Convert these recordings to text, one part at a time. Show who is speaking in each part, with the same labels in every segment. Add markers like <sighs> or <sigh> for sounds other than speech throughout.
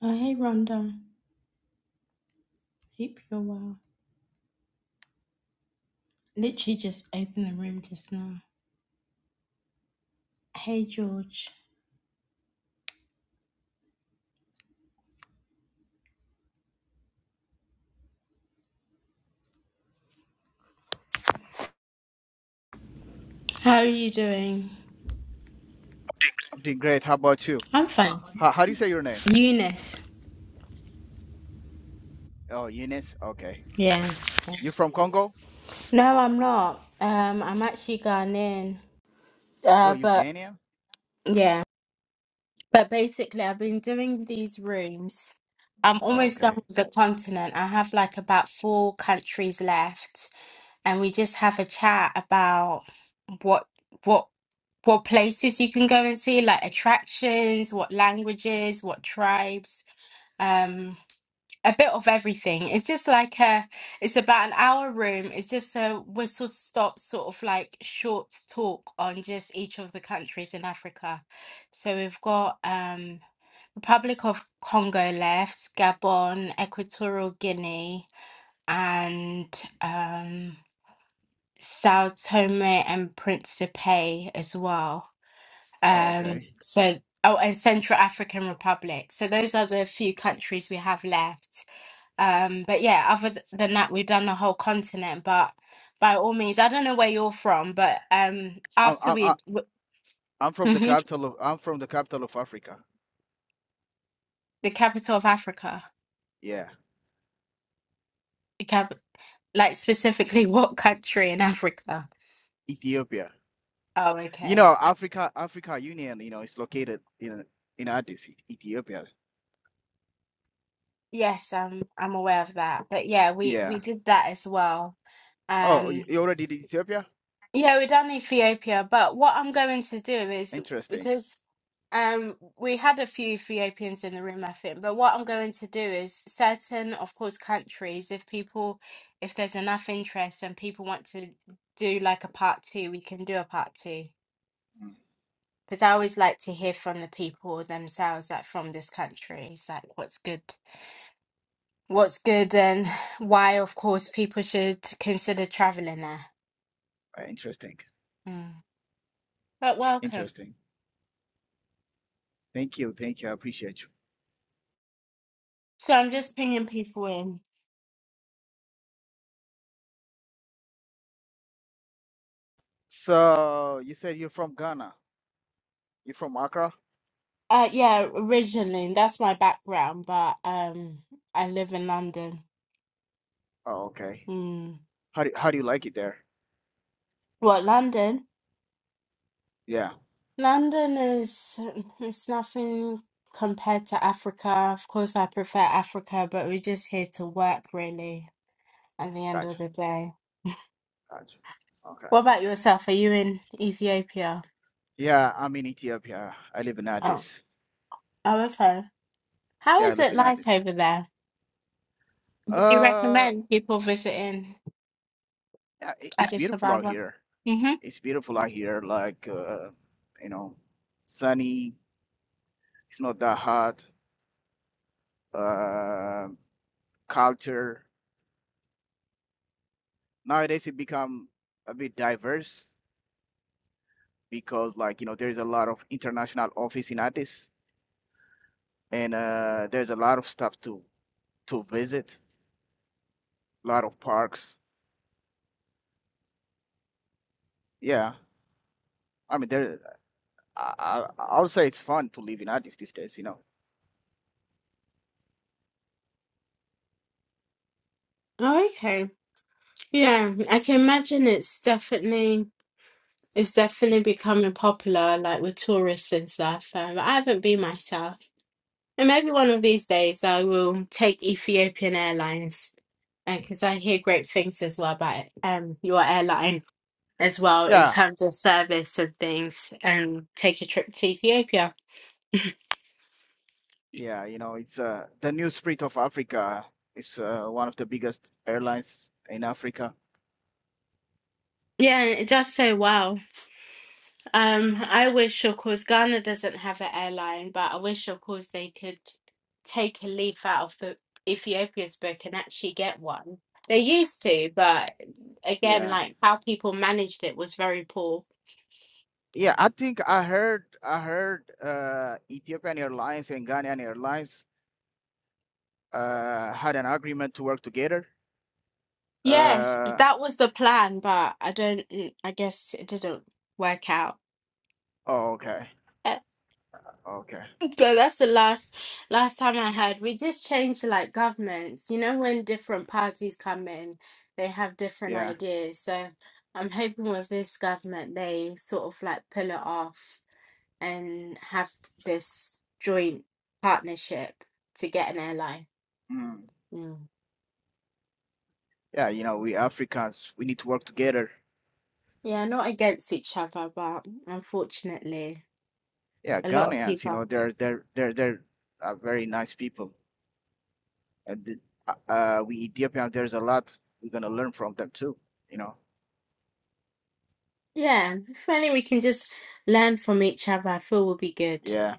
Speaker 1: Oh, hey, Rhonda. Hope you're well. Literally just opened the room just now. Hey, George. How are you doing?
Speaker 2: I'm doing great. How about you?
Speaker 1: I'm fine.
Speaker 2: How, how do you say your name?
Speaker 1: Eunice.
Speaker 2: Oh, Eunice. Okay.
Speaker 1: Yeah.
Speaker 2: You're from Congo?
Speaker 1: No, I'm not. Um, I'm actually gone in.
Speaker 2: Oh,
Speaker 1: Uh, but
Speaker 2: Uganda?
Speaker 1: yeah. But basically, I've been doing these rooms. I'm
Speaker 2: Oh,
Speaker 1: almost done
Speaker 2: okay.
Speaker 1: with the continent. I have like about four countries left. and we just have a chat about what what what places you can go and see, like attractions, what languages, what tribes, um, a bit of everything. It's just like a, it's about an hour room. It's just a whistle stop sort of like short talk on just each of the countries in Africa. So we've got um, Republic of Congo left, Gabon, Equatorial Guinea, and um Sao Tome and Principe as well.
Speaker 2: Oh,
Speaker 1: Um,
Speaker 2: okay.
Speaker 1: so, oh, and Central African Republic. So those are the few countries we have left. Um, but yeah, other th- than that, we've done the whole continent. But by all means, I don't know where you're from, but um,
Speaker 2: I'm
Speaker 1: after
Speaker 2: I'm I'm
Speaker 1: we, w-
Speaker 2: I'm from the
Speaker 1: Mhm.
Speaker 2: capital of I'm from the capital of Africa.
Speaker 1: the capital of Africa,
Speaker 2: Yeah,
Speaker 1: the cap, like specifically <laughs> what country in Africa?
Speaker 2: Ethiopia.
Speaker 1: Oh,
Speaker 2: You
Speaker 1: okay.
Speaker 2: know, Africa Africa Union, you know, is located in in Addis, E- Ethiopia.
Speaker 1: Yes, I'm I'm aware of that. But yeah, we
Speaker 2: Yeah.
Speaker 1: we did that as well.
Speaker 2: Oh,
Speaker 1: Um,
Speaker 2: you, you already did Ethiopia?
Speaker 1: Yeah, we're done Ethiopia, but what I'm going to do is
Speaker 2: Interesting.
Speaker 1: because um we had a few Ethiopians in the room, I think, but what I'm going to do is certain, of course, countries, if people if there's enough interest and people want to do like a part two, we can do a part two.
Speaker 2: Mm,
Speaker 1: Because I always like to hear from the people themselves, like from this country. It's like what's good what's good and why of course people should consider traveling there.
Speaker 2: uh, Interesting.
Speaker 1: Mm. But welcome.
Speaker 2: Interesting. Thank you. Thank you. I appreciate you.
Speaker 1: So I'm just bringing people in.
Speaker 2: So, you said you're from Ghana. You're from Accra?
Speaker 1: Uh, yeah, originally, that's my background, but um, I live in London.
Speaker 2: Oh, okay.
Speaker 1: Hmm.
Speaker 2: How do how do you like it there?
Speaker 1: What, London?
Speaker 2: Yeah,
Speaker 1: London is <laughs> it's nothing compared to Africa. Of course, I prefer Africa, but we're just here to work, really, at the end
Speaker 2: gotcha,
Speaker 1: of the day.
Speaker 2: gotcha. Okay.
Speaker 1: What about yourself? Are you in Ethiopia?
Speaker 2: Yeah, I'm in Ethiopia. I live in
Speaker 1: Oh,
Speaker 2: Addis.
Speaker 1: oh, okay. How
Speaker 2: Yeah, I
Speaker 1: is
Speaker 2: live
Speaker 1: it
Speaker 2: in Addis.
Speaker 1: like over there? Would you
Speaker 2: Uh,
Speaker 1: recommend people visiting
Speaker 2: yeah, it- it's
Speaker 1: Addis
Speaker 2: beautiful out
Speaker 1: Ababa?
Speaker 2: here.
Speaker 1: Mm-hmm.
Speaker 2: It's beautiful out here. Like, uh, you know, sunny. It's not that hot. Uh, culture nowadays it become a bit diverse because, like, you know, there's a lot of international office in Addis, and uh, there's a lot of stuff to to visit. A lot of parks. Yeah. I mean, there. I, I I would say it's fun to live in Addis these days. You know.
Speaker 1: Yeah, I can imagine it's definitely it's definitely becoming popular, like with tourists and stuff. Um, I haven't been myself, and maybe one of these days I will take Ethiopian Airlines because I hear great things as well about um your airline as well in
Speaker 2: Yeah.
Speaker 1: terms of service and things, and take a trip to Ethiopia.
Speaker 2: Yeah. You know, it's uh the new spirit of Africa is uh, one of the biggest airlines in Africa.
Speaker 1: Yeah, it does so well. Um, I wish, of course, Ghana doesn't have an airline, but I wish, of course, they could take a leaf out of the Ethiopia's book and actually get one. They used to, but again,
Speaker 2: Yeah.
Speaker 1: like how people managed it was very poor.
Speaker 2: Yeah. I think I heard I heard uh Ethiopian Airlines and Ghanaian Airlines uh had an agreement to work together.
Speaker 1: Yes,
Speaker 2: Uh.
Speaker 1: that was the plan, but I don't, mm, I guess it didn't work out.
Speaker 2: Oh, okay. Okay.
Speaker 1: But that's the last last time I had. We just changed like governments. You know, when different parties come in, they have different
Speaker 2: Yeah.
Speaker 1: ideas. So I'm hoping with this government, they sort of like pull it off and have this joint partnership to get an airline.
Speaker 2: Mm.
Speaker 1: Mm.
Speaker 2: Yeah. You know, we Africans we need to work together.
Speaker 1: Yeah, not against each other, but unfortunately,
Speaker 2: Yeah.
Speaker 1: a lot of
Speaker 2: Ghanaians. You
Speaker 1: people are
Speaker 2: know, they're
Speaker 1: against it.
Speaker 2: they're they're they're are very nice people. and the, uh, uh, we Ethiopians, there's a lot we're gonna learn from them too. You know,
Speaker 1: Yeah, if only we can just learn from each other, I feel we'll be good.
Speaker 2: yeah.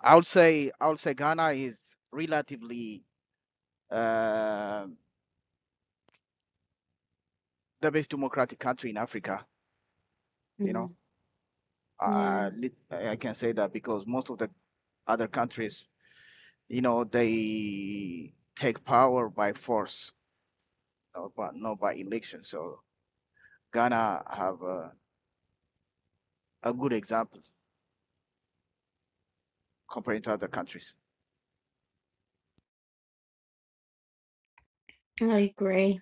Speaker 2: I would say I would say Ghana is relatively uh, the best democratic country in Africa. You know,
Speaker 1: Mm. Yeah.
Speaker 2: I, I I can say that because most of the other countries, you know, they take power by force, uh, but not by election. So Ghana have a, a good example compared to other countries.
Speaker 1: I agree.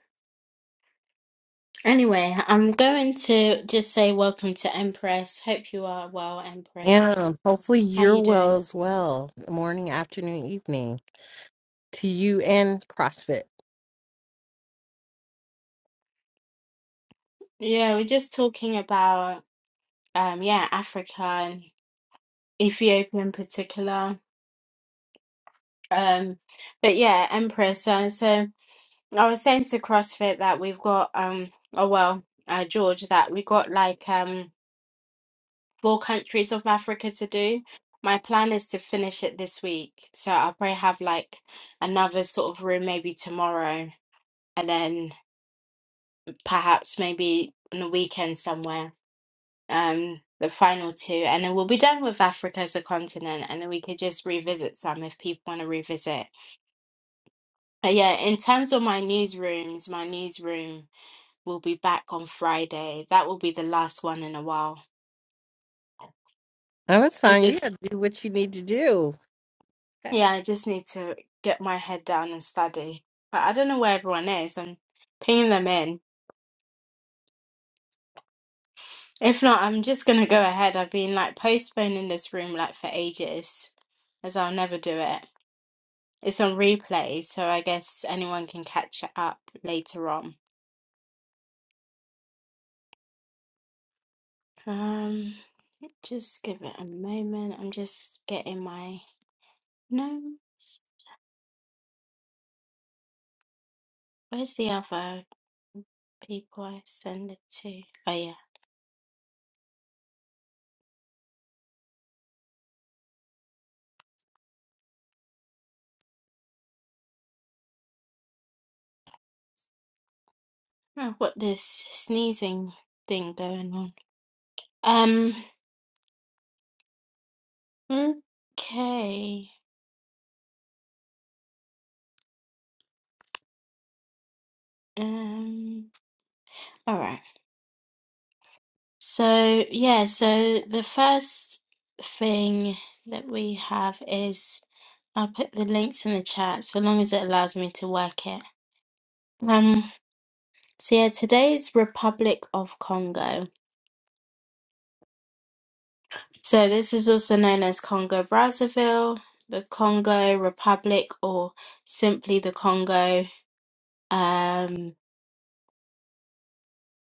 Speaker 1: Anyway, I'm going to just say welcome to Empress. Hope you are well, Empress.
Speaker 3: And hopefully
Speaker 1: How
Speaker 3: you're
Speaker 1: you
Speaker 3: well
Speaker 1: doing?
Speaker 3: as well. Morning, afternoon, evening to you and CrossFit.
Speaker 1: Yeah, we're just talking about um yeah, Africa and Ethiopia in particular. Um but yeah, Empress. Uh, so I was saying to CrossFit that we've got um oh well, uh George that we got like um four countries of Africa to do. My plan is to finish it this week. So I'll probably have like another sort of room maybe tomorrow and then perhaps maybe on the weekend somewhere. Um the final two and then we'll be done with Africa as a continent and then we could just revisit some if people want to revisit. But yeah, in terms of my newsrooms, my newsroom will be back on Friday. That will be the last one in a while.
Speaker 3: Oh, that's
Speaker 1: I'm
Speaker 3: fine. You
Speaker 1: just
Speaker 3: got to do what you need to do.
Speaker 1: Yeah, I just need to get my head down and study. But I don't know where everyone is. I'm pinging them in. If not, I'm just gonna go ahead. I've been like postponing this room like for ages, as I'll never do it. It's on replay, so I guess anyone can catch it up later on. Um, just give it a moment. I'm just getting my notes. Where's the other people I send it to? Oh yeah. I've got this sneezing thing going on. Um. Okay. Um, all right. So, yeah, so the first thing that we have is I'll put the links in the chat so long as it allows me to work it. Um, so yeah, today is Republic of Congo. So this is also known as Congo Brazzaville, the Congo Republic, or simply the Congo. Um,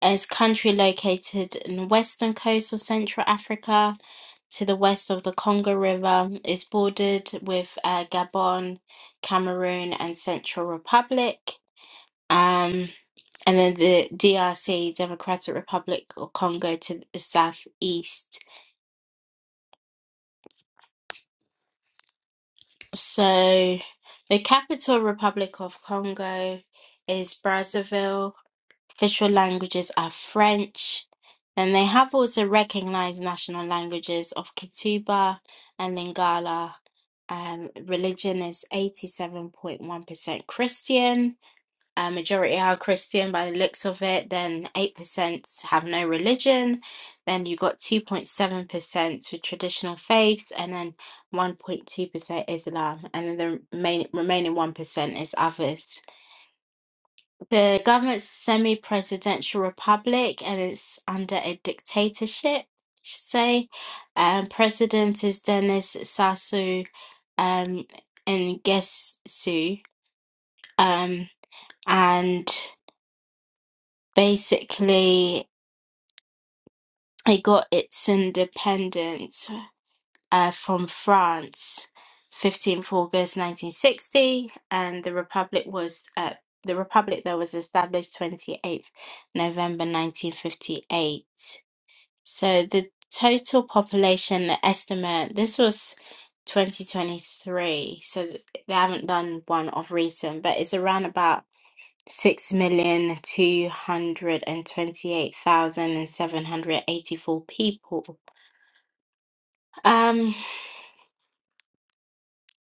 Speaker 1: is country located in the western coast of Central Africa to the west of the Congo River. is bordered with uh, Gabon, Cameroon, and Central Republic. Um, and then the DRC, Democratic Republic or Congo to the southeast. So the capital Republic of Congo is Brazzaville Official languages are French. and they have also recognized national languages of Kituba and Lingala. Um, religion is 87.1% Christian. A majority are Christian by the looks of it. Then 8% have no religion. Then you got 2.7% with traditional faiths, and then 1.2% Islam, and then the remain, remaining 1% is others. The government's semi-presidential republic and it's under a dictatorship, you say. Um, president is Denis Sassou um, Nguesso. Um, and basically, it got its independence uh, from France, 15th August 1960, and the republic was uh, the republic that was established 28th November 1958. So the total population estimate, this was 2023, so th- they haven't done one of recent, but it's around about 6,228,784 people. Um,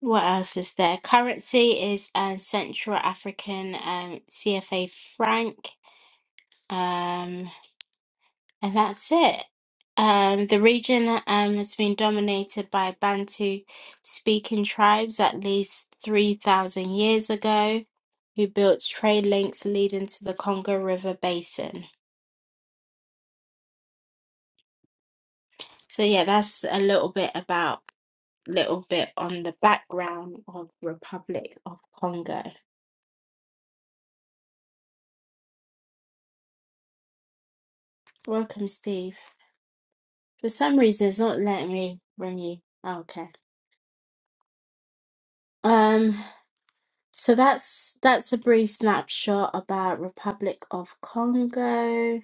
Speaker 1: what else is there? Currency is uh, Central African um, CFA franc. Um, and that's it. Um, the region um, has been dominated by Bantu speaking tribes at least 3,000 years ago, who built trade links leading to the Congo River basin. So, yeah, that's a little bit about, little bit on the background of Republic of Congo. Welcome, Steve. For some reason, it's not letting me bring you. Oh, okay. Um, So that's that's a brief snapshot about Republic of Congo.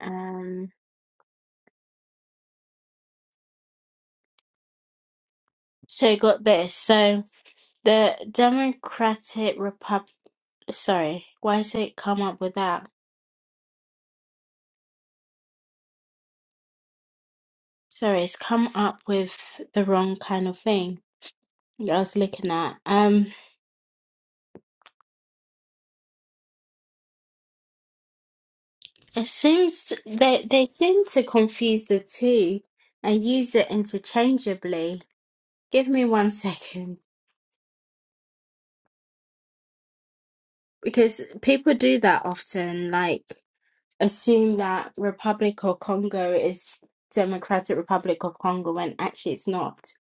Speaker 1: Um, so you got this. So the Democratic Republic. Sorry, why has it come up with that? Sorry, it's come up with the wrong kind of thing that I was looking at. Um, it seems they they seem to confuse the two and use it interchangeably. Give me one <laughs> second because people do that often, like. assume that Republic of Congo is Democratic Republic of Congo when actually it's not.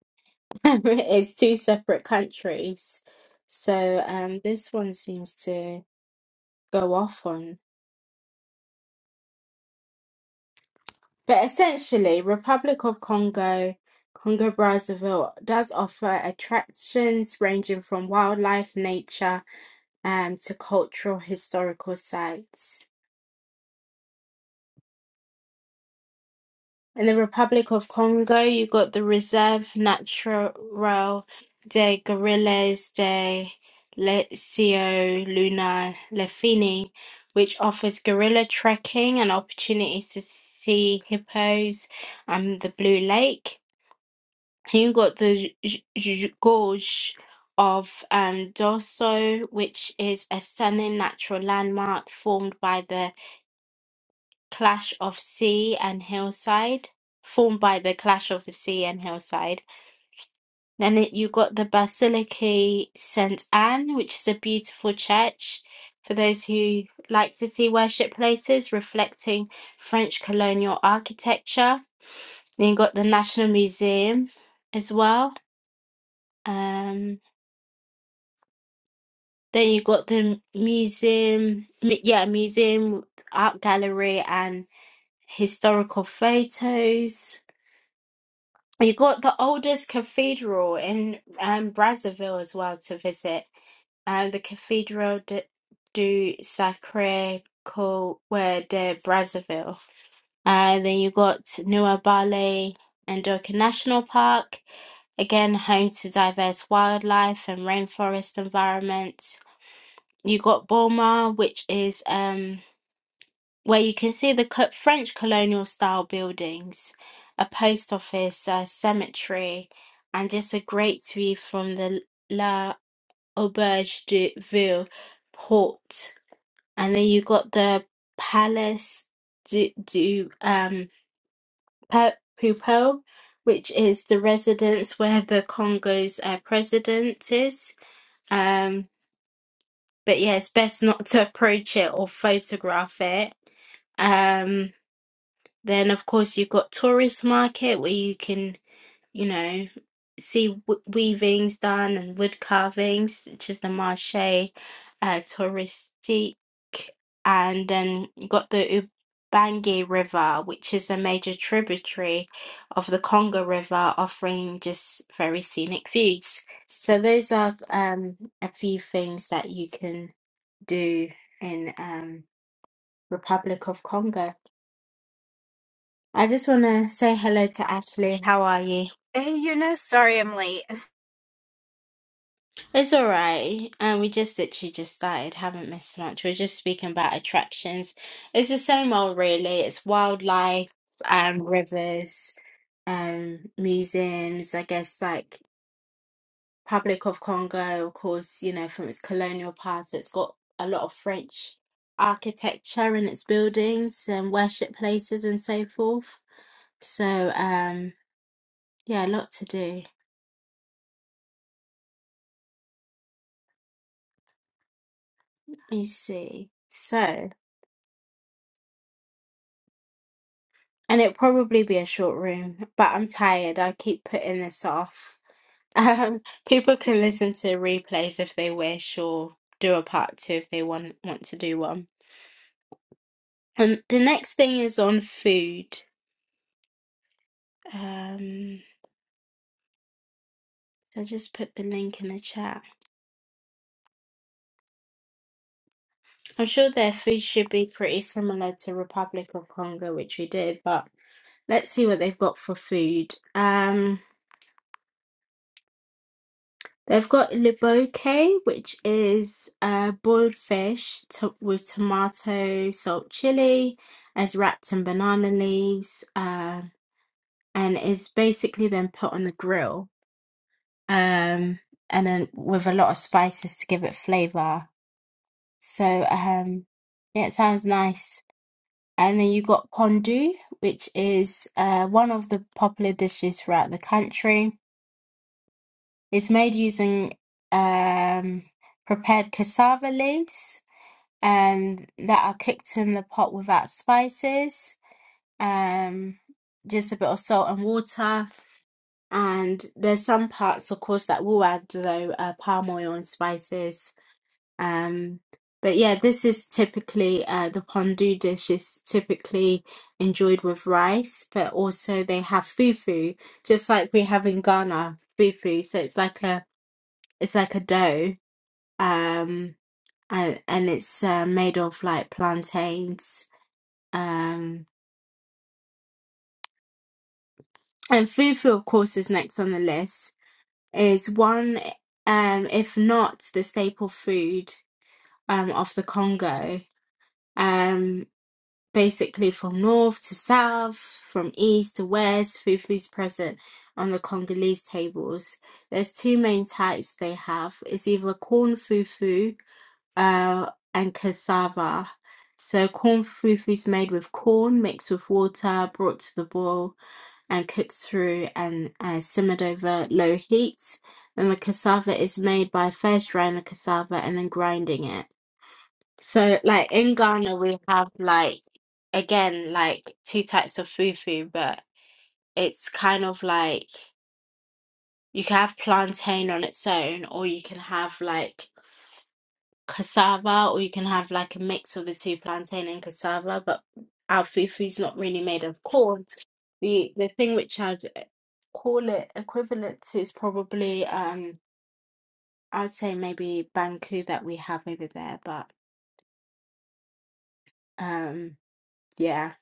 Speaker 1: <laughs> It's two separate countries. So um, this one seems to go off on. But essentially, Republic of Congo, Congo Brazzaville does offer attractions ranging from wildlife, nature, um, to cultural historical sites. In the Republic of Congo, you got the Reserve Naturelle des Gorilles de Leccio Luna Lefini, which offers gorilla trekking and opportunities to see hippos and the Blue Lake. And you got the J- J- Gorge of um, Dorso, which is a stunning natural landmark formed by the clash of sea and hillside, formed by the clash of the sea and hillside. Then it, you got the Basilica St. Anne, which is a beautiful church for those who like to see worship places reflecting French colonial architecture. Then you got the National Museum as well. Um, then you got the museum, mu- yeah, museum, art gallery, and historical photos You got the oldest cathedral in um, Brazzaville as well to visit, um, the Cathedral de, do Sacré Cœur de Brazzaville. And then you got Nuabale and Doka National Park, again home to diverse wildlife and rainforest environments. You got Boma, which is um where you can see the co- French colonial style buildings, a post office, a cemetery, and just a great view from the La Auberge de Ville port. And then you got the Palace du, du um, Pe- Pupil, which is the residence where the Congo's uh, president is. Um, but yeah, it's best not to approach it or photograph it. Um, Then, of course, you've got tourist market where you can, you know, see w- weavings done and wood carvings, which is the marché uh, touristique. And then you got the Ubangi River, which is a major tributary of the Congo River, offering just very scenic views. So those are um, a few things that you can do in um, Republic of Congo. I just want to say hello to Ashley. How are you?
Speaker 4: Hey Eunice, sorry I'm late.
Speaker 1: It's all right. And we just literally just started, haven't missed much. We're just speaking about attractions. It's the same old, really. It's wildlife, um, rivers, um, museums, I guess, like Public of Congo, of course, you know, from its colonial past, it's got a lot of French architecture in its buildings and worship places and so forth. So, um, yeah, a lot to do. Let me see. So. And it'll probably be a short room, but I'm tired. I keep putting this off. <laughs> Um, people can listen to replays if they wish, or do a part two if they want want to do one. And the next thing is on food. Um, so I just put the link in the chat. I'm sure their food should be pretty similar to Republic of Congo, which we did, but let's see what they've got for food. Um, They've got liboke, which is uh, boiled fish to- with tomato, salt, chili, as wrapped in banana leaves, um, and is basically then put on the grill, um, and then with a lot of spices to give it flavor. So, um, yeah, it sounds nice. And then you got pondu, which is uh, one of the popular dishes throughout the country It's made using um, prepared cassava leaves um, that are cooked in the pot without spices, um, just a bit of salt and water. And there's some parts, of course, that will add though uh, palm oil and spices. Um, but yeah, this is typically uh, the pondu dish is typically enjoyed with rice, but also they have fufu, just like we have in Ghana, fufu. So it's like a it's like a dough, um, and and it's uh, made of like plantains. Um, and fufu, of course, is next on the list. Is one, um, if not the staple food um, of the Congo. Um, basically, from north to south, from east to west, fufu is present on the Congolese tables. There's two main types they have. It's either corn fufu uh, and cassava. So corn foof is made with corn mixed with water, brought to the boil, and cooked through and uh, simmered over low heat. And the cassava is made by first drying the cassava and then grinding it. So, like in Ghana, we have like again like two types of fufu, but it's kind of like you can have plantain on its own, or you can have like cassava, or you can have like a mix of the two, plantain and cassava. But our fufu is not really made of corn. The the thing which I'd call it equivalent to is probably um I'd say maybe banku that we have over there. But um yeah.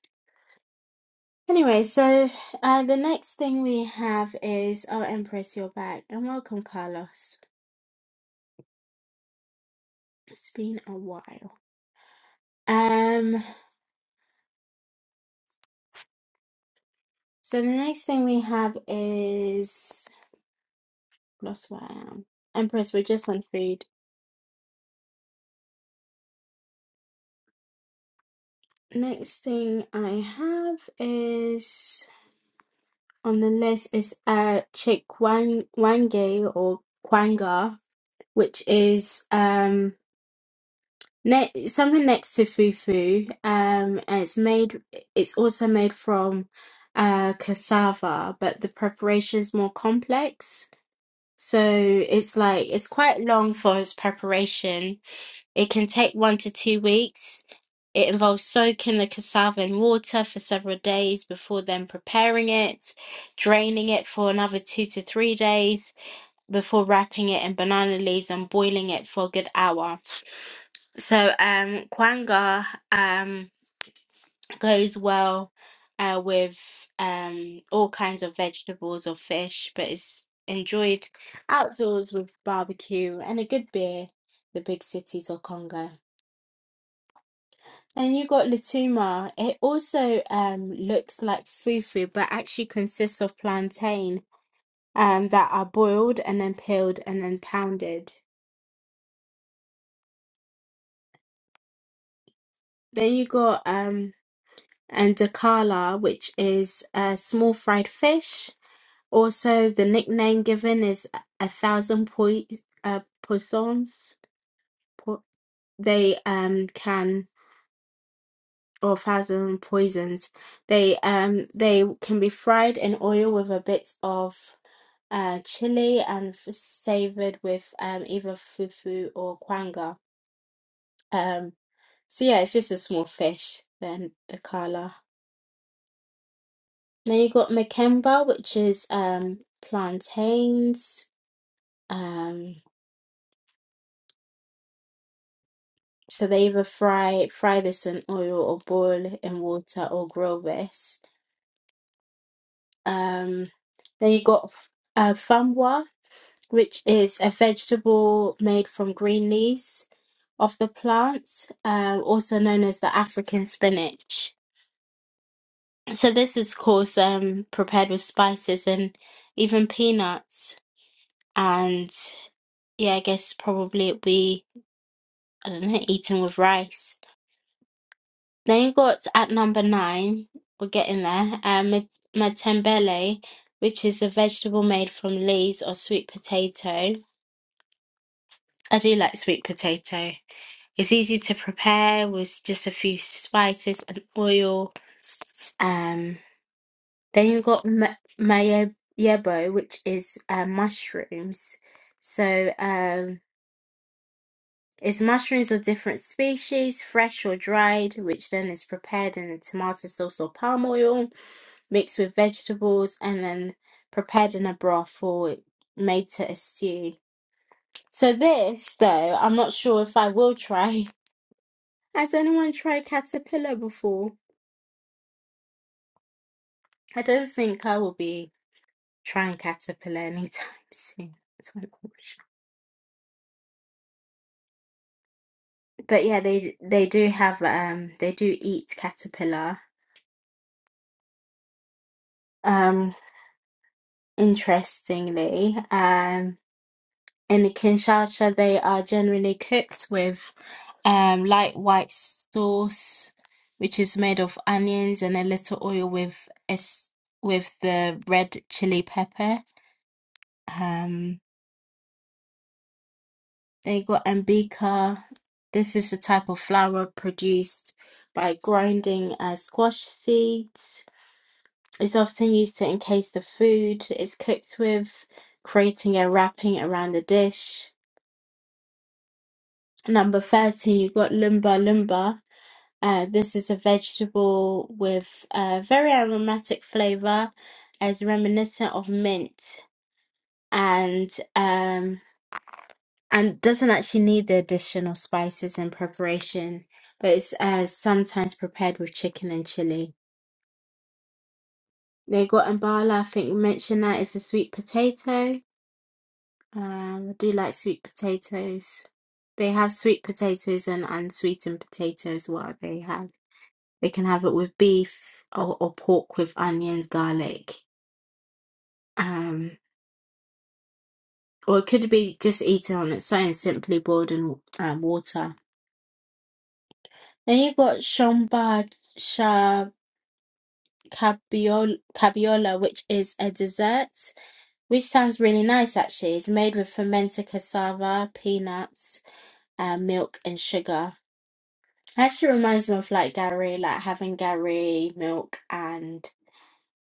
Speaker 1: Anyway, so uh, the next thing we have is oh Empress, you're back and welcome, Carlos. It's been a while. Um, so the next thing we have is That's where I am. Empress, we're just on food. Next thing I have is on the list is uh chick wang wange or kwanga, which is um ne something next to fufu. Um, and it's made. It's also made from uh cassava, but the preparation is more complex. So it's like it's quite long for its preparation. It can take one to two weeks It involves soaking the cassava in water for several days before then preparing it, draining it for another two to three days before wrapping it in banana leaves and boiling it for a good hour. So um kwanga um goes well uh with um all kinds of vegetables or fish, but it's enjoyed outdoors with barbecue and a good beer, the big cities of Congo. And you got Lutuma. It also um looks like fufu, but actually consists of plantain um that are boiled and then peeled and then pounded. Then you got um andakala, which is a small fried fish. Also, the nickname given is a thousand poi uh, poissons. Po- they um can. or thousand poisons. They um they can be fried in oil with a bit of uh chili and f- savored with um either fufu or kwanga. Um so yeah, it's just a small fish then the kala. Then you got makemba, which is um plantains. Um so they either fry fry this in oil or boil it in water or grill this. Um then you got uh, famwa, which is a vegetable made from green leaves of the plants, uh, also known as the African spinach. So this is, of course, um, prepared with spices and even peanuts. And yeah, I guess probably it'd be, I don't know, eaten with rice. Then you got at number nine, we're getting there, um, mat- matembele, which is a vegetable made from leaves or sweet potato. I do like sweet potato. It's easy to prepare with just a few spices and oil. Um, then you've got ma- mayebo, which is uh, mushrooms. So um, it's mushrooms of different species, fresh or dried, which then is prepared in tomato sauce or palm oil, mixed with vegetables, and then prepared in a broth or made to a stew. So this, though, I'm not sure if I will try. <laughs> Has anyone tried caterpillar before? I don't think I will be trying caterpillar anytime <laughs> soon. That's my wish. But yeah, they they do have um they do eat caterpillar. Um, interestingly, um, in Kinshasa they are generally cooked with um light white sauce, which is made of onions and a little oil with es with the red chili pepper. um, They got Ambika. This is the type of flour produced by grinding uh, squash seeds. It's often used to encase the food it's cooked with, creating a wrapping around the dish. Number 13, you've got lumba lumba. Uh, this is a vegetable with a very aromatic flavor, as reminiscent of mint. And um. and doesn't actually need the additional spices and preparation, but it's uh, sometimes prepared with chicken and chili. Lego and bala, I think we mentioned that is a sweet potato. Um, I do like sweet potatoes. They have sweet potatoes and unsweetened potatoes. What they have, they can have it with beef or, or pork with onions, garlic. Um, or it could be just eaten on its own, simply boiled in um, water. Then you got shomba cabiol- cabiola, which is a dessert, which sounds really nice actually. It's made with fermented cassava, peanuts, uh, milk, and sugar. Actually reminds me of like Gary, like having Gary milk and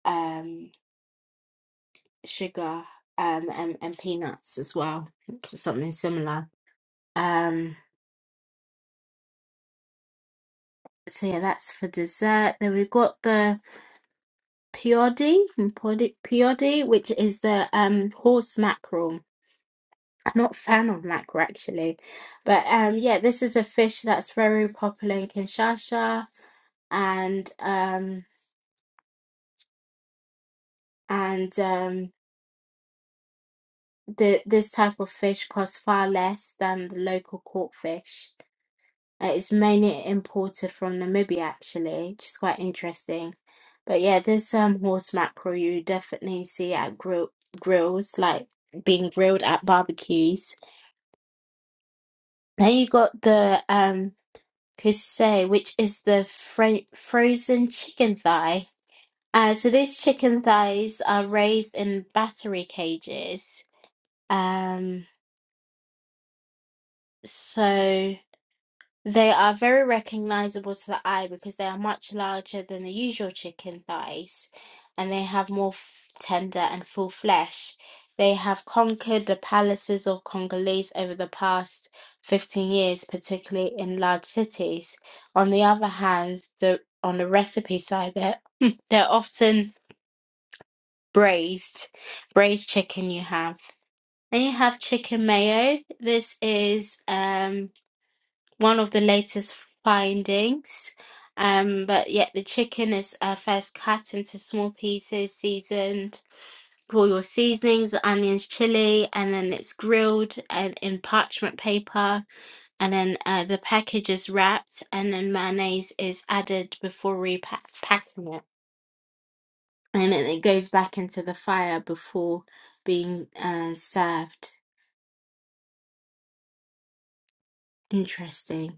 Speaker 1: um, sugar um, and, and peanuts as well, something similar. Um, so yeah, that's for dessert. Then we've got the piodi, piodi, piodi, which is the um, horse mackerel I'm not a fan of mackerel actually, but um, yeah, this is a fish that's very popular in Kinshasa, and um, and um, the this type of fish costs far less than the local caught fish. Uh, it's mainly imported from Namibia actually, which is quite interesting. But yeah, this um horse mackerel you definitely see at grill grills, like being grilled at barbecues. Then you got the um Kusei, which is the fro- frozen chicken thigh. Uh, so these chicken thighs are raised in battery cages. Um, so. They are very recognizable to the eye because they are much larger than the usual chicken thighs and they have more f- tender and full flesh. They have conquered the palaces of Congolese over the past 15 years, particularly in large cities. On the other hand, the, on the recipe side, they're, <laughs> <clears throat> they're often braised, braised chicken you have. Then you have chicken mayo. This is. um one of the latest findings. Um, but yet the chicken is uh, first cut into small pieces, seasoned with all your seasonings, onions, chili, and then it's grilled and in parchment paper, and then uh, the package is wrapped, and then mayonnaise is added before repacking it, and then it goes back into the fire before being uh, served. Interesting.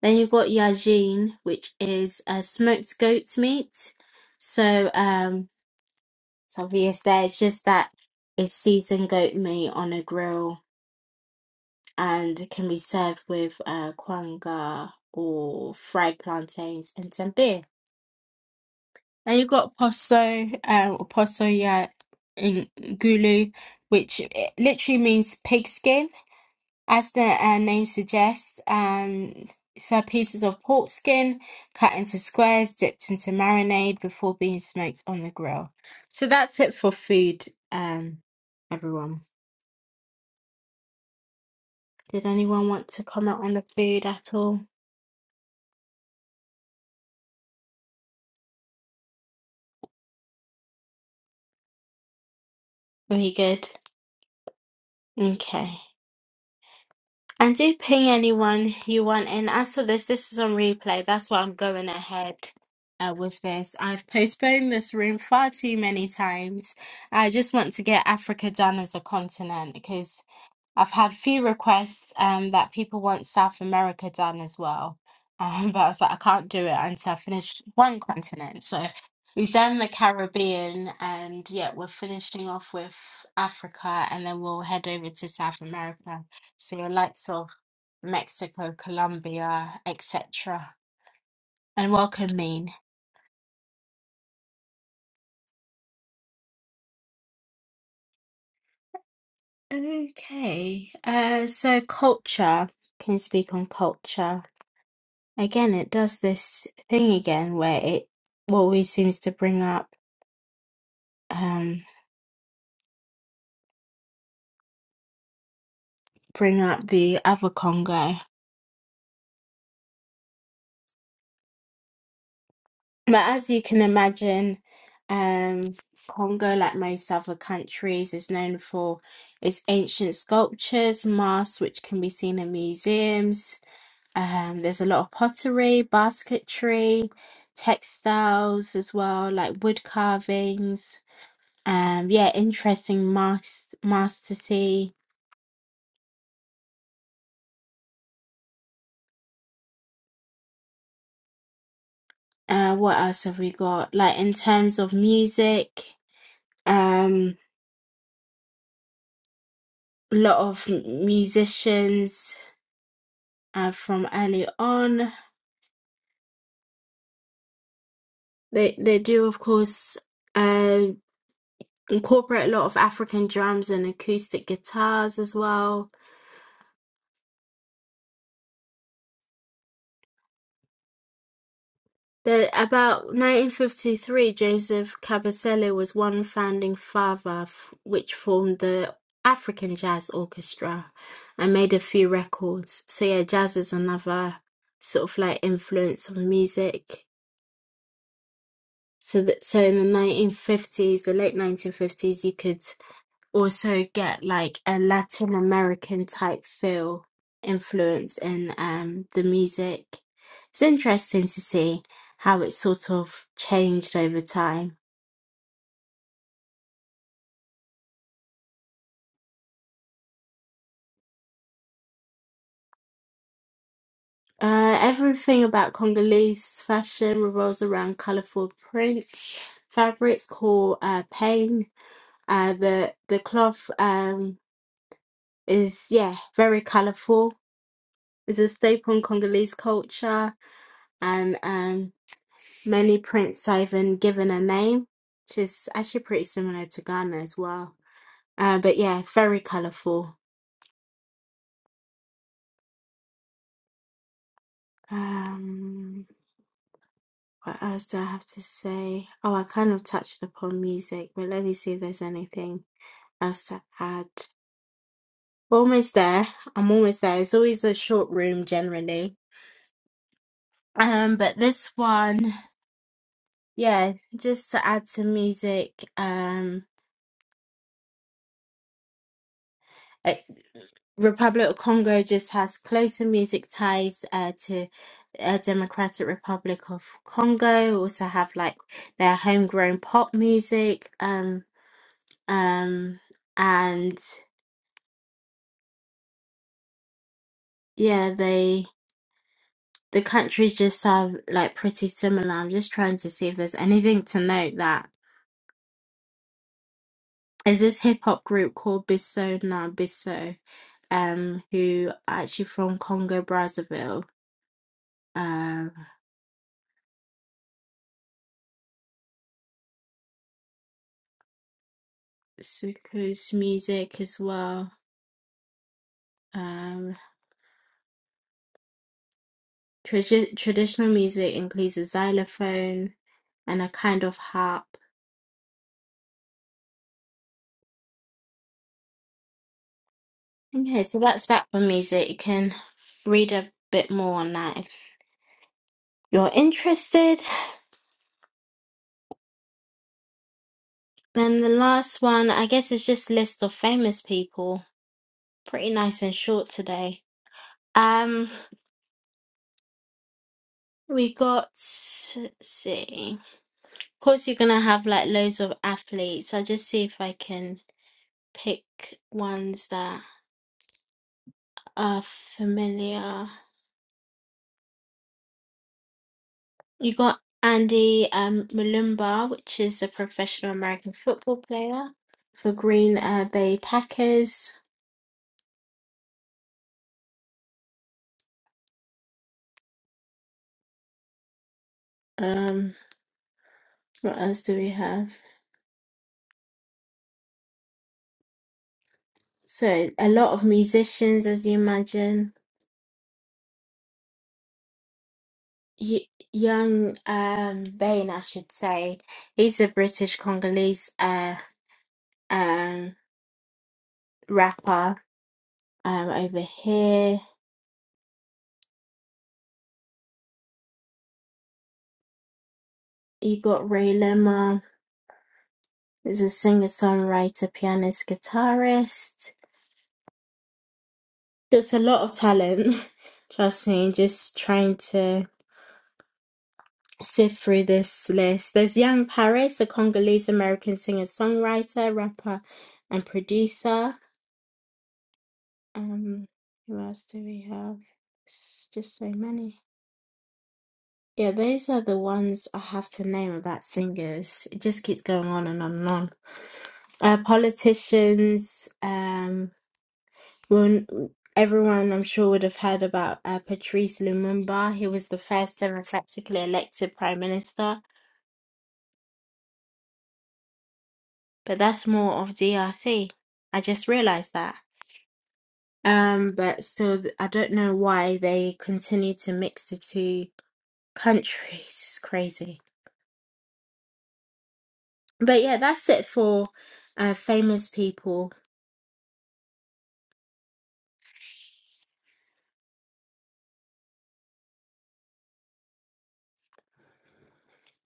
Speaker 1: Then you've got yajin, which is uh, smoked goat's meat. So um, it's obvious there. It's just that it's seasoned goat meat on a grill and it can be served with uh, kwanga or fried plantains and some beer. Then you've got poso um, or poso ya in gulu, which eh, literally means pig skin. As the uh, name suggests, um, so pieces of pork skin cut into squares, dipped into marinade before being smoked on the grill. So that's it for food, um, everyone. Did anyone want to comment on the food at all? Are we good? Okay. And do ping anyone you want in. As for this, this is on replay. That's why I'm going ahead uh, with this. I've postponed this room far too many times. I just want to get Africa done as a continent because I've had few requests um, that people want South America done as well. Um, <laughs> but I was like, I can't do it until I finish one continent. So we've done the Caribbean and yeah, we're finishing off with Africa and then we'll head over to South America. So your lights off. Mexico, Colombia, etc. And welcome, Mean. Okay, uh, so culture can speak on culture. Again, it does this thing again where it always seems to bring up um bring up the other Congo. But as you can imagine, um, Congo, like most other countries, is known for its ancient sculptures, masks which can be seen in museums, Um, there's a lot of pottery, basketry, textiles as well, like wood carvings. Um, yeah, interesting mas- masterty. Uh, what else have we got? Like in terms of music, um, a lot of m- musicians uh, from early on. They they do of course uh, incorporate a lot of African drums and acoustic guitars as well The, About nineteen fifty-three, Joseph Cabaselli was one founding father f- which formed the African Jazz Orchestra and made a few records. So yeah, jazz is another sort of like influence on music. So that so in the nineteen fifties, the late nineteen fifties, you could also get like a Latin American type feel influence in um the music. It's interesting to see how it sort of changed over time. Uh, everything about Congolese fashion revolves around colorful prints, fabrics called uh, pain. Uh, the the cloth um is yeah very colorful. It's a staple in Congolese culture and um Many Prince Ivan given a name, which is actually pretty similar to Ghana as well. Uh, but yeah, very colourful. Um, what else do I have to say? Oh, I kind of touched upon music, but let me see if there's anything else to add. We're almost there. I'm almost there. It's always a short room generally. Um, but this one, yeah, just to add to music. Um, Uh, Republic of Congo just has closer music ties uh, to uh, Democratic Republic of Congo. Also have like their homegrown pop music. Um, um, and yeah, they the countries just are like pretty similar. I'm just trying to see if there's anything to note that is this hip hop group called Bisso Na Bisso, um, who are actually from Congo Brazzaville. Suku's music as well. Um, tradi- traditional music includes a xylophone and a kind of harp. Okay, so that's that for music. You can read a bit more on that if you're interested. Then the last one, I guess, is just list of famous people. Pretty nice and short today. Um, we got, let's see. Of course, you're gonna have like loads of athletes. I'll just see if I can pick ones that. are familiar. You got Andy um, Malumba, which is a professional American football player for Green uh, Bay Packers. Um, what else do we have? So a lot of musicians, as you imagine. Y- young um, Vane, I should say, he's a British Congolese uh, um, rapper. Um, over here, you got Ray Lema. is a singer, songwriter, pianist, guitarist. There's a lot of talent. <laughs> Trust me, just trying to sift through this list. There's Yang Paris, a Congolese American singer, songwriter, rapper, and producer. Um, who else do we have? It's just so many. Yeah, those are the ones I have to name about singers. It just keeps going on and on and on. Uh, politicians. um, Well, everyone I'm sure would have heard about uh, Patrice Lumumba. He was the first democratically elected prime minister, but that's more of DRC. I just realized that. Um, but so th- I don't know why they continue to mix the two countries. <laughs> It's crazy. But yeah, that's it for uh, famous people.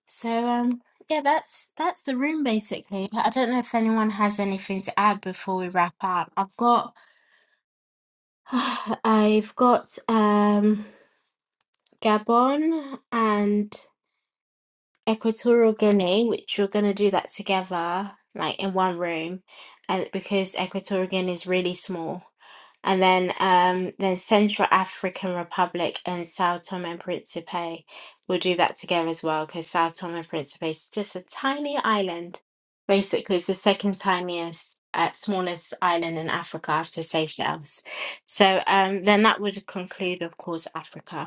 Speaker 1: So um, yeah, that's that's the room basically. But I don't know if anyone has anything to add before we wrap up. I've got. <sighs> I've got um Gabon and Equatorial Guinea, which we're going to do that together, like in one room, and because Equatorial Guinea is really small. And then um, then Central African Republic and Sao Tome and Principe, we'll do that together as well because Sao Tome and Principe is just a tiny island. Basically, it's the second tiniest, uh, smallest island in Africa after Seychelles. So um, then that would conclude, of course, Africa.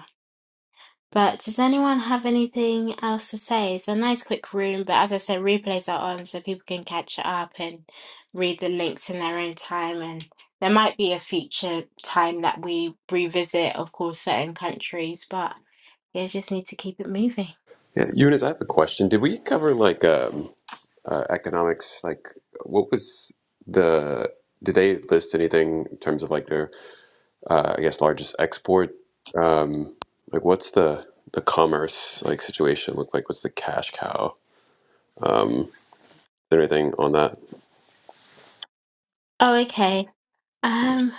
Speaker 1: But does anyone have anything else to say? It's a nice quick room, but as I said, replays are on so people can catch it up and read the links in their own time. And there might be a future time that we revisit, of course, certain countries, but you just need to keep it moving.
Speaker 5: Yeah, Eunice, I have a question. Did we cover like um, uh, economics? Like, what was the? Did they list anything in terms of like their, uh, I guess, largest export? Um, like, what's the the commerce like situation look like? What's the cash cow? Um, is there anything on that?
Speaker 1: Oh, okay. Um,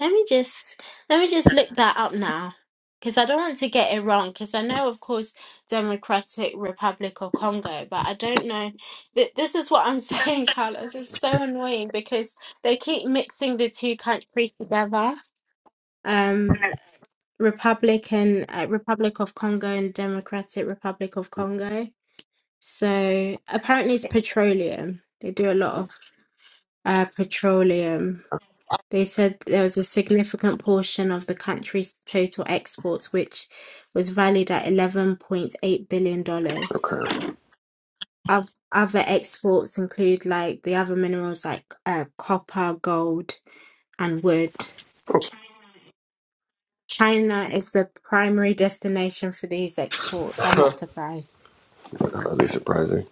Speaker 1: Let me just let me just look that up now, because I don't want to get it wrong. Because I know, of course, Democratic Republic of Congo, but I don't know. Th- This is what I'm <laughs> saying, Carlos. It's so annoying because they keep mixing the two countries together. Um, Republic and uh, Republic of Congo and Democratic Republic of Congo. So apparently, it's petroleum. They do a lot of uh, petroleum they said there was a significant portion of the country's total exports, which was valued at $11.8 billion. dollars.
Speaker 5: Okay,
Speaker 1: Oth- Other exports include like the other minerals like uh, copper, gold, and wood. China is the primary destination for these exports. I'm not surprised.
Speaker 5: that'd be surprising.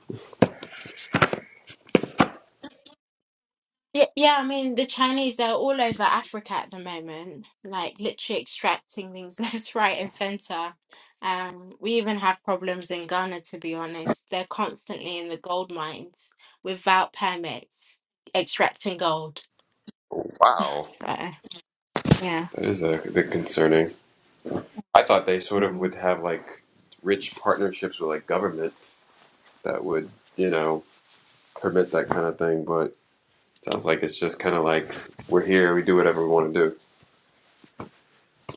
Speaker 1: Yeah, yeah, I mean, the Chinese are all over Africa at the moment, like literally extracting things <laughs> left, right, and center. Um, we even have problems in Ghana, to be honest. They're constantly in the gold mines without permits, extracting gold.
Speaker 5: Wow,
Speaker 1: So, yeah.
Speaker 5: that is a bit concerning. I thought they sort of would have like rich partnerships with like governments that would, you know, permit that kind of thing, but. Sounds like it's just kind of like we're here, we do whatever we want to do.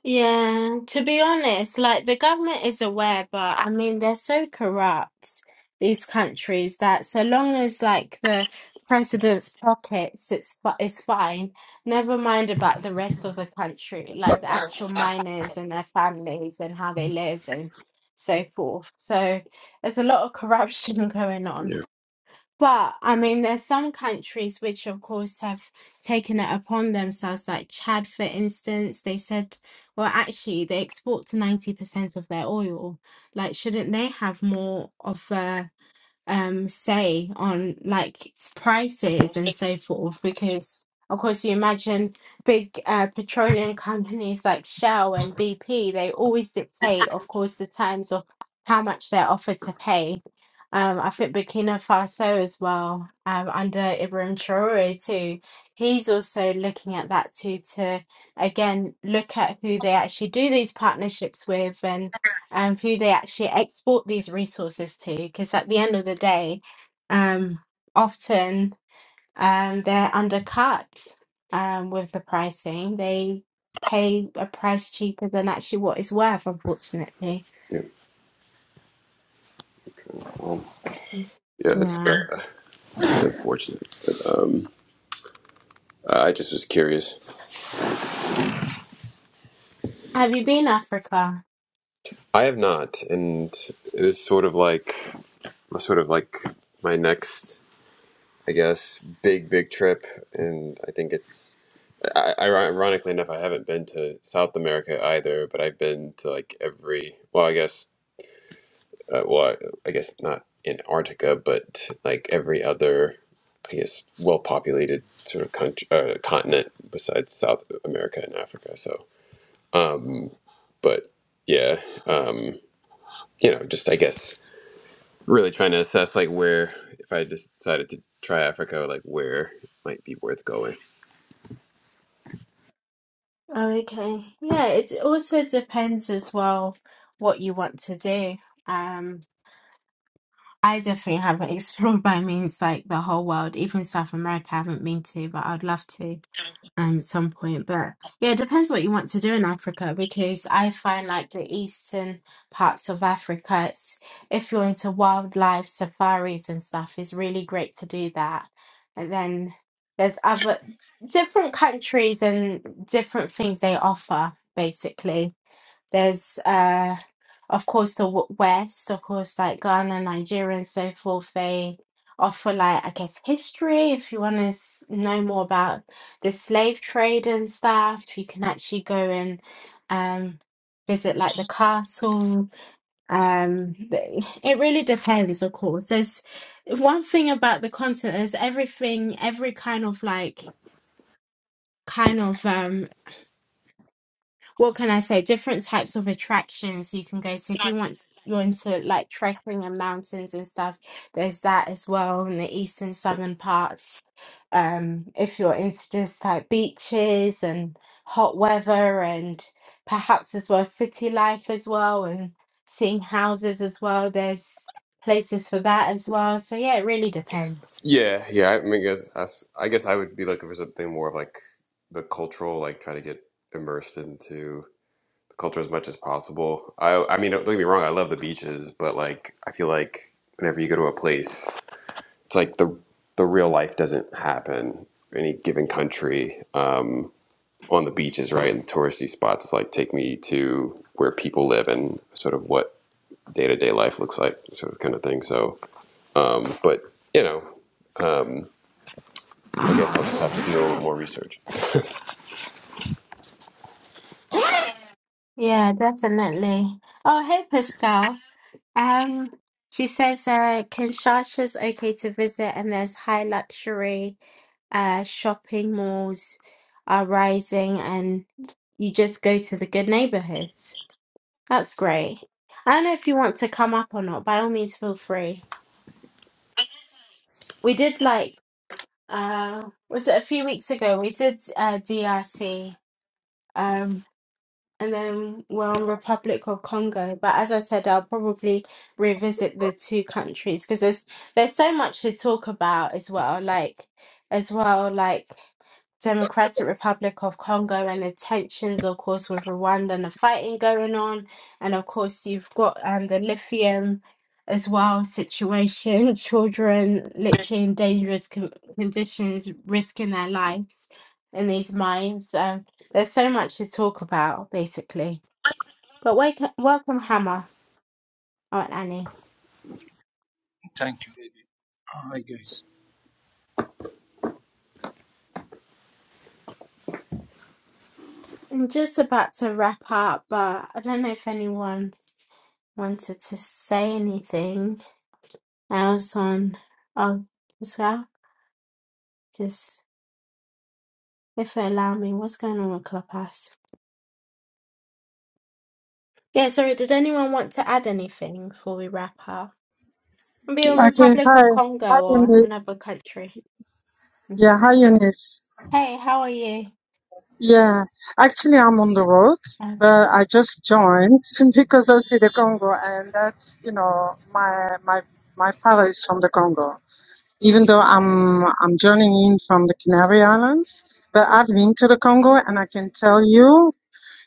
Speaker 1: Yeah, to be honest, like the government is aware, but I mean, they're so corrupt, these countries, that so long as like the president's pockets, it's fi- it's fine. Never mind about the rest of the country, like the actual miners and their families and how they live and so forth. So there's a lot of corruption <laughs> going on.
Speaker 5: Yeah.
Speaker 1: But I mean, there's some countries which, of course, have taken it upon themselves, like Chad, for instance. They said, well, actually, they export to 90% of their oil. Like, shouldn't they have more of a um say on like prices and so forth because of course you imagine big uh, petroleum companies like Shell and BP they always dictate of course the terms of how much they're offered to pay um, I think Burkina Faso as well um, under Ibrahim Traore too he's also looking at that too to again look at who they actually do these partnerships with um, who they actually export these resources to, because at the end of the day, um, often um, they're undercut um, with the pricing. They pay a price cheaper than actually what it's worth, unfortunately.
Speaker 5: Yeah. Well, Yeah, it's
Speaker 1: Yeah.
Speaker 5: uh, unfortunate. But, um, I just was curious.
Speaker 1: Have you been Africa?
Speaker 5: I have not, and it is sort of like sort of like my next, I guess, big big trip, and I think it's. I- ironically enough, I haven't been to South America either, but I've been to like every. Well, I guess uh, well, I, guess not Antarctica, but like every other, I guess, well-populated sort of country, uh, continent besides South America and Africa. So, um, but yeah, um, you know, just I guess really trying to assess like where, if I just decided to try Africa, like where it might be worth going.
Speaker 1: Oh, okay. Yeah, it also depends as well what you want to do. Um, I definitely haven't <laughs> explored by means like the whole world, even South America I haven't been to, but I'd love to um some point. But yeah, it depends what you want to do in Africa because I find like the eastern parts of Africa, it's, if you're into wildlife safaris and stuff, it's really great to do that. And then there's other different countries and different things they offer basically. There's, uh, of course, the w- West, of course, like Ghana, Nigeria, and so forth. They offer, like, I guess, history. If you want to s- know more about the slave trade and stuff, you can actually go and um, visit, like, the castle. Um, th- it really depends, of course. There's one thing about the continent is everything, every kind of like, kind of um what can I say? Different types of attractions you can go to if you want. You're into like trekking and mountains and stuff. There's that as well in the eastern southern parts. Um, if you're into just like beaches and hot weather and perhaps as well city life as well and seeing houses as well, there's places for that as well. So yeah, it really depends.
Speaker 5: Yeah, yeah. I mean, I guess I, s- I guess I would be looking for something more of like the cultural, like try to get immersed into. culture as much as possible. I I mean, don't get me wrong, I love the beaches, but like I feel like whenever you go to a place, it's like the the real life doesn't happen in any given country um, on the beaches, right? And touristy spots like take me to where people live and sort of what day to day life looks like, sort of kind of thing. So, um, but you know, um, I guess I'll just have to do a little more research.
Speaker 1: Yeah, definitely. Oh, hey, Pascal. Um, she says uh, Kinshasa's okay to visit, and there's high luxury uh, shopping malls are rising, and you just go to the good neighborhoods. That's great. I don't know if you want to come up or not. By all means, feel free. We did like uh, was it a few weeks ago? We did uh, DRC. and then we're on Republic of Congo. But as I said, I'll probably revisit the two countries because there's there's so much to talk about as well. Like as well, like Democratic Republic of Congo and the tensions, of course, with Rwanda and the fighting going on, and of course you've got um the lithium as well situation, <laughs> children literally in dangerous con- conditions, risking their lives in these mines. So there's so much to talk about, basically. But wake welcome, Hammer. Oh, and Annie.
Speaker 6: Thank you, Eddie. Hi, guys.
Speaker 1: I'm just about to wrap up, but I don't know if anyone wanted to say anything else on oh, as well. Just if they allow me, what's going on with Clubhouse? Yeah, sorry, did anyone want to add anything before we wrap up? Be a
Speaker 7: Okay,
Speaker 1: Republic
Speaker 7: hi.
Speaker 1: of
Speaker 7: Hi,
Speaker 1: Congo or
Speaker 7: Eunice.
Speaker 1: another country.
Speaker 7: Yeah, hi, Eunice.
Speaker 1: Hey, how are you?
Speaker 7: Yeah, actually, I'm on the road, but I just joined <laughs> because I see the Congo, and that's, you know, my my my father is from the Congo. Even though I'm I'm joining in from the Canary Islands, but I've been to the Congo, and I can tell you.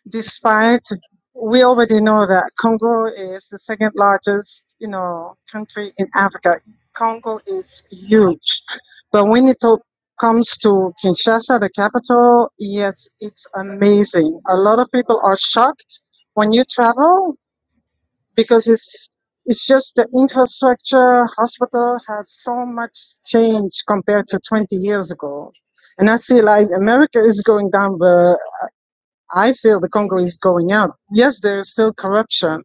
Speaker 7: despite we already know that Congo is the second largest, you know, country in Africa. Congo is huge, but when it to- comes to Kinshasa, the capital, yes, it's amazing. A lot of people are shocked when you travel because it's it's just the infrastructure. Hospital has so much change compared to 20 years ago, and I see like America is going down the. I feel the Congo is going up. Yes, there is still corruption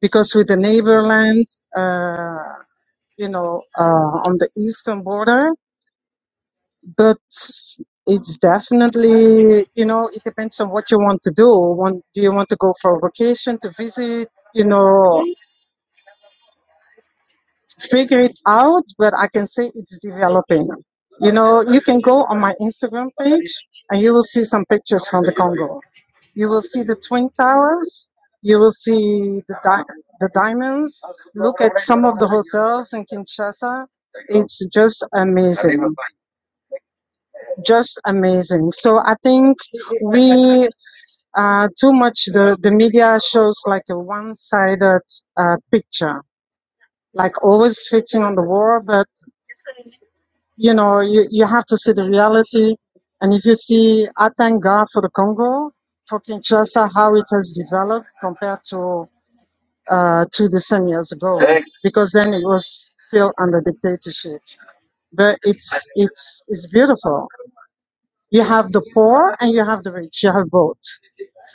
Speaker 7: because with the neighbor land, uh, you know, uh, on the eastern border, but it's definitely, you know, it depends on what you want to do. Want, do you want to go for a vacation to visit, you know, figure it out, but I can say it's developing. You know, you can go on my Instagram page and you will see some pictures from the Congo. You will see the Twin Towers. You will see the, di- the diamonds. Look at some of the hotels in Kinshasa. It's just amazing. Just amazing. So I think we, uh, too much, the, the media shows like a one sided uh, picture, like always fixing on the war, but you know, you, you have to see the reality. And if you see, I thank God for the Congo, for Kinshasa, how it has developed compared to uh, two decennias ago, because then it was still under dictatorship. But it's it's it's beautiful. You have the poor and you have the rich. You have both.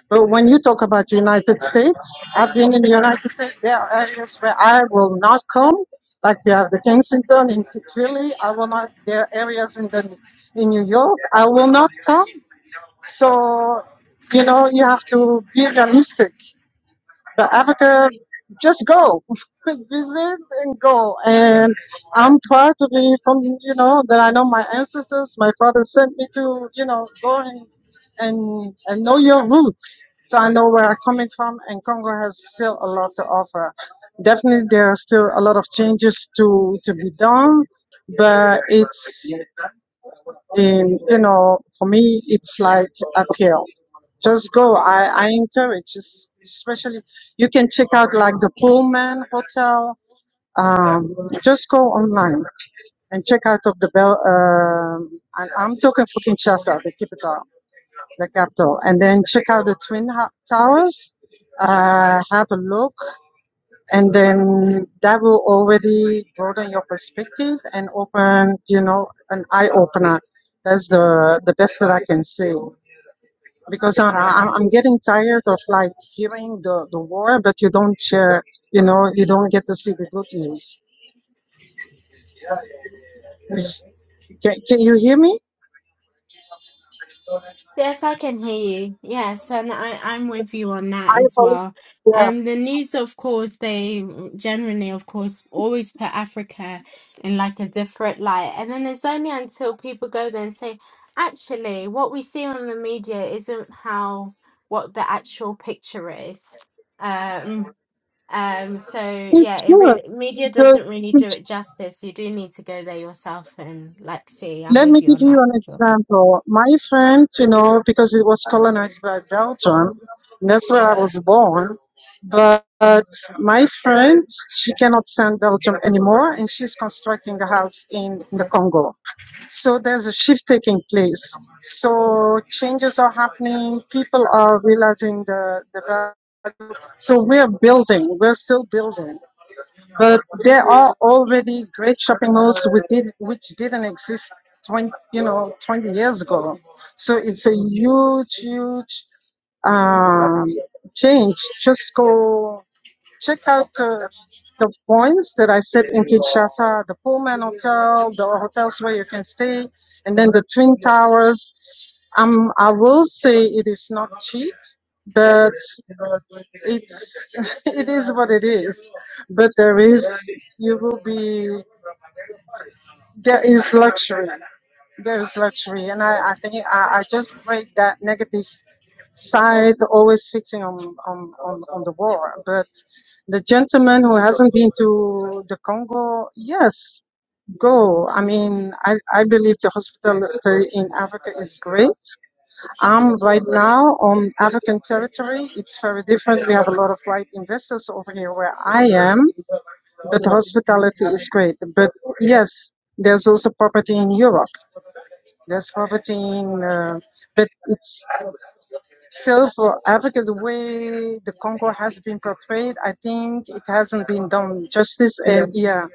Speaker 7: But when you talk about United States, I've been in the United States. There are areas where I will not come, like you have the Kensington in Philly. I will not. There are areas in the in New York. I will not come. So you know you have to be realistic. But Africa, just go, <laughs> visit and go. And I'm proud to be from, you know, that I know my ancestors. My father sent me to, you know, go and and, and know your roots. So I know where I'm coming from, and Congo has still a lot to offer. Definitely, there are still a lot of changes to to be done, but it's and you know, for me, it's like uphill. Just go. I, I encourage, es- especially you can check out like the Pullman Hotel. Um, just go online and check out of the Bel. Um, and I'm talking for Kinshasa, the capital, the capital. And then check out the Twin Ho- Towers. Uh, have a look and then that will already broaden your perspective and open you know an eye opener that's the the best that i can say because I, I- i'm getting tired of like hearing the the war but you don't share you know you don't get to see the good news can, can you hear me
Speaker 1: Yes, I can hear you. Yes, and I, I'm with you on that
Speaker 7: i
Speaker 1: as
Speaker 7: apologize
Speaker 1: well.
Speaker 7: yeah
Speaker 1: And the news, of course, they generally, of course, always put Africa in like a different light. And then it's only until people go there and say, actually, what we see on the media isn't how what the actual picture is. Um, um, so
Speaker 7: it's
Speaker 1: yeah, it
Speaker 7: good
Speaker 1: really media doesn't really
Speaker 7: the
Speaker 1: do it justice. You do need to go there yourself and like see. I'm
Speaker 7: Let
Speaker 1: with
Speaker 7: me
Speaker 1: you
Speaker 7: give
Speaker 1: on
Speaker 7: you an
Speaker 1: that.
Speaker 7: example. My friend, you know, because it was colonized by Belgium, and that's where I was born. But my friend, she cannot stand Belgium anymore, and she's constructing a house in in the Congo. So there's a shift taking place. So changes are happening. People are realizing the the value. So we're building. We're still building. But there are already great shopping malls which, did, which didn't exist 20, you know, 20 years ago. So it's a huge, huge um, change. Just go Check out uh, the points that I said in Kinshasa, the Pullman Hotel, the hotels where you can stay, and then the Twin Towers. Um, I will say it is not cheap, but uh, it's <laughs> it is what it is. But there is you will be there is luxury. There is luxury, and I I think I, I just break that negative side always fixing on, on, on, on the war. But the gentleman who hasn't been to the Congo, yes, go. I mean, I, I believe the hospitality in Africa is great. I'm right now on African territory. It's very different. We have a lot of white investors over here where I am, but the hospitality is great. But yes, there's also property in Europe. There's property in, uh, but it's so for Africa, the way the Congo has been portrayed, I think it hasn't been done justice. And yeah,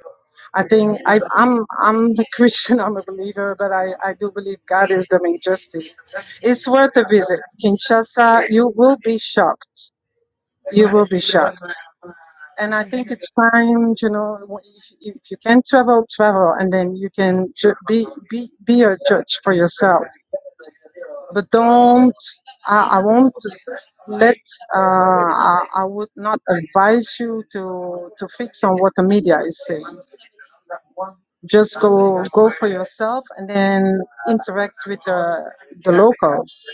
Speaker 7: I think I, I'm I'm a <laughs> Christian, I'm a believer, but I, I do believe God is doing justice. It's worth a visit. Kinshasa, you will be shocked. You will be shocked. And I think it's time, you know, if if you can travel, travel, and then you can ju- be be be a judge for yourself. But don't I, I won't. But uh, I, I would not advise you to to fix on what the media is saying. Just go go for yourself and then interact with the the locals.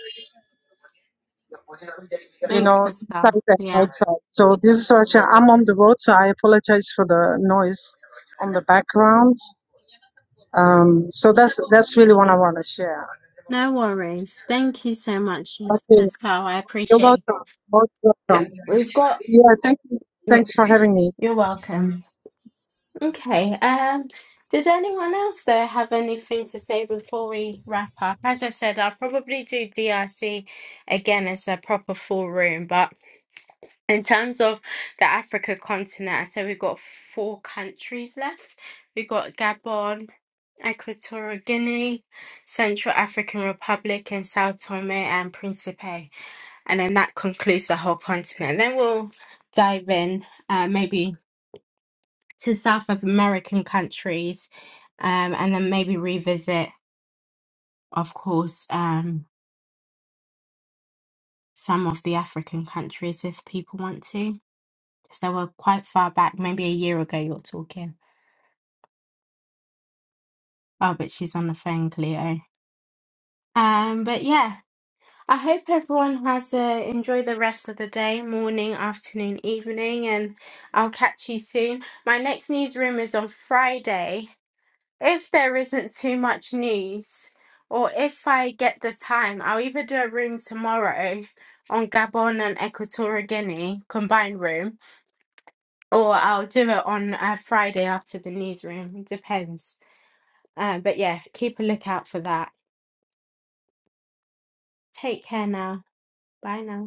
Speaker 7: You
Speaker 1: Thanks,
Speaker 7: know,
Speaker 1: Pascal.
Speaker 7: inside and
Speaker 1: Yeah,
Speaker 7: outside. So this is what I- I'm on the road, so I apologize for the noise on the background. Um, so that's that's really what I want to share.
Speaker 1: no worries. Thank you so much, Miss
Speaker 7: Okay,
Speaker 1: Pascal. I
Speaker 7: you're
Speaker 1: appreciate.
Speaker 7: welcome. Most welcome.
Speaker 1: We've got.
Speaker 7: Yeah, thank you.
Speaker 1: Yeah,
Speaker 7: Thanks for having me.
Speaker 1: you're welcome. Okay. Um, did anyone else though have anything to say before we wrap up? As I said, I'll probably do DRC again as a proper full room, but. In terms of the Africa continent, I said we've got four countries left. We've got Gabon, Equatorial Guinea, Central African Republic, and Sao Tome and Principe. And then that concludes the whole continent. Then we'll dive in uh, maybe to South of American countries um, and then maybe revisit, of course, um, some of the African countries if people want to. Because they were quite far back, maybe a year ago you're talking. Oh, but she's on the phone, Cleo. Um, but yeah, I hope everyone has uh, enjoyed the rest of the day, morning, afternoon, evening, and I'll catch you soon. My next newsroom is on Friday. If there isn't too much news, or if I get the time, I'll either do a room tomorrow on Gabon and Equatorial Guinea, combined room, or I'll do it on uh, Friday after the newsroom. It depends. Uh, but yeah, keep a lookout for that. Take care now. Bye now.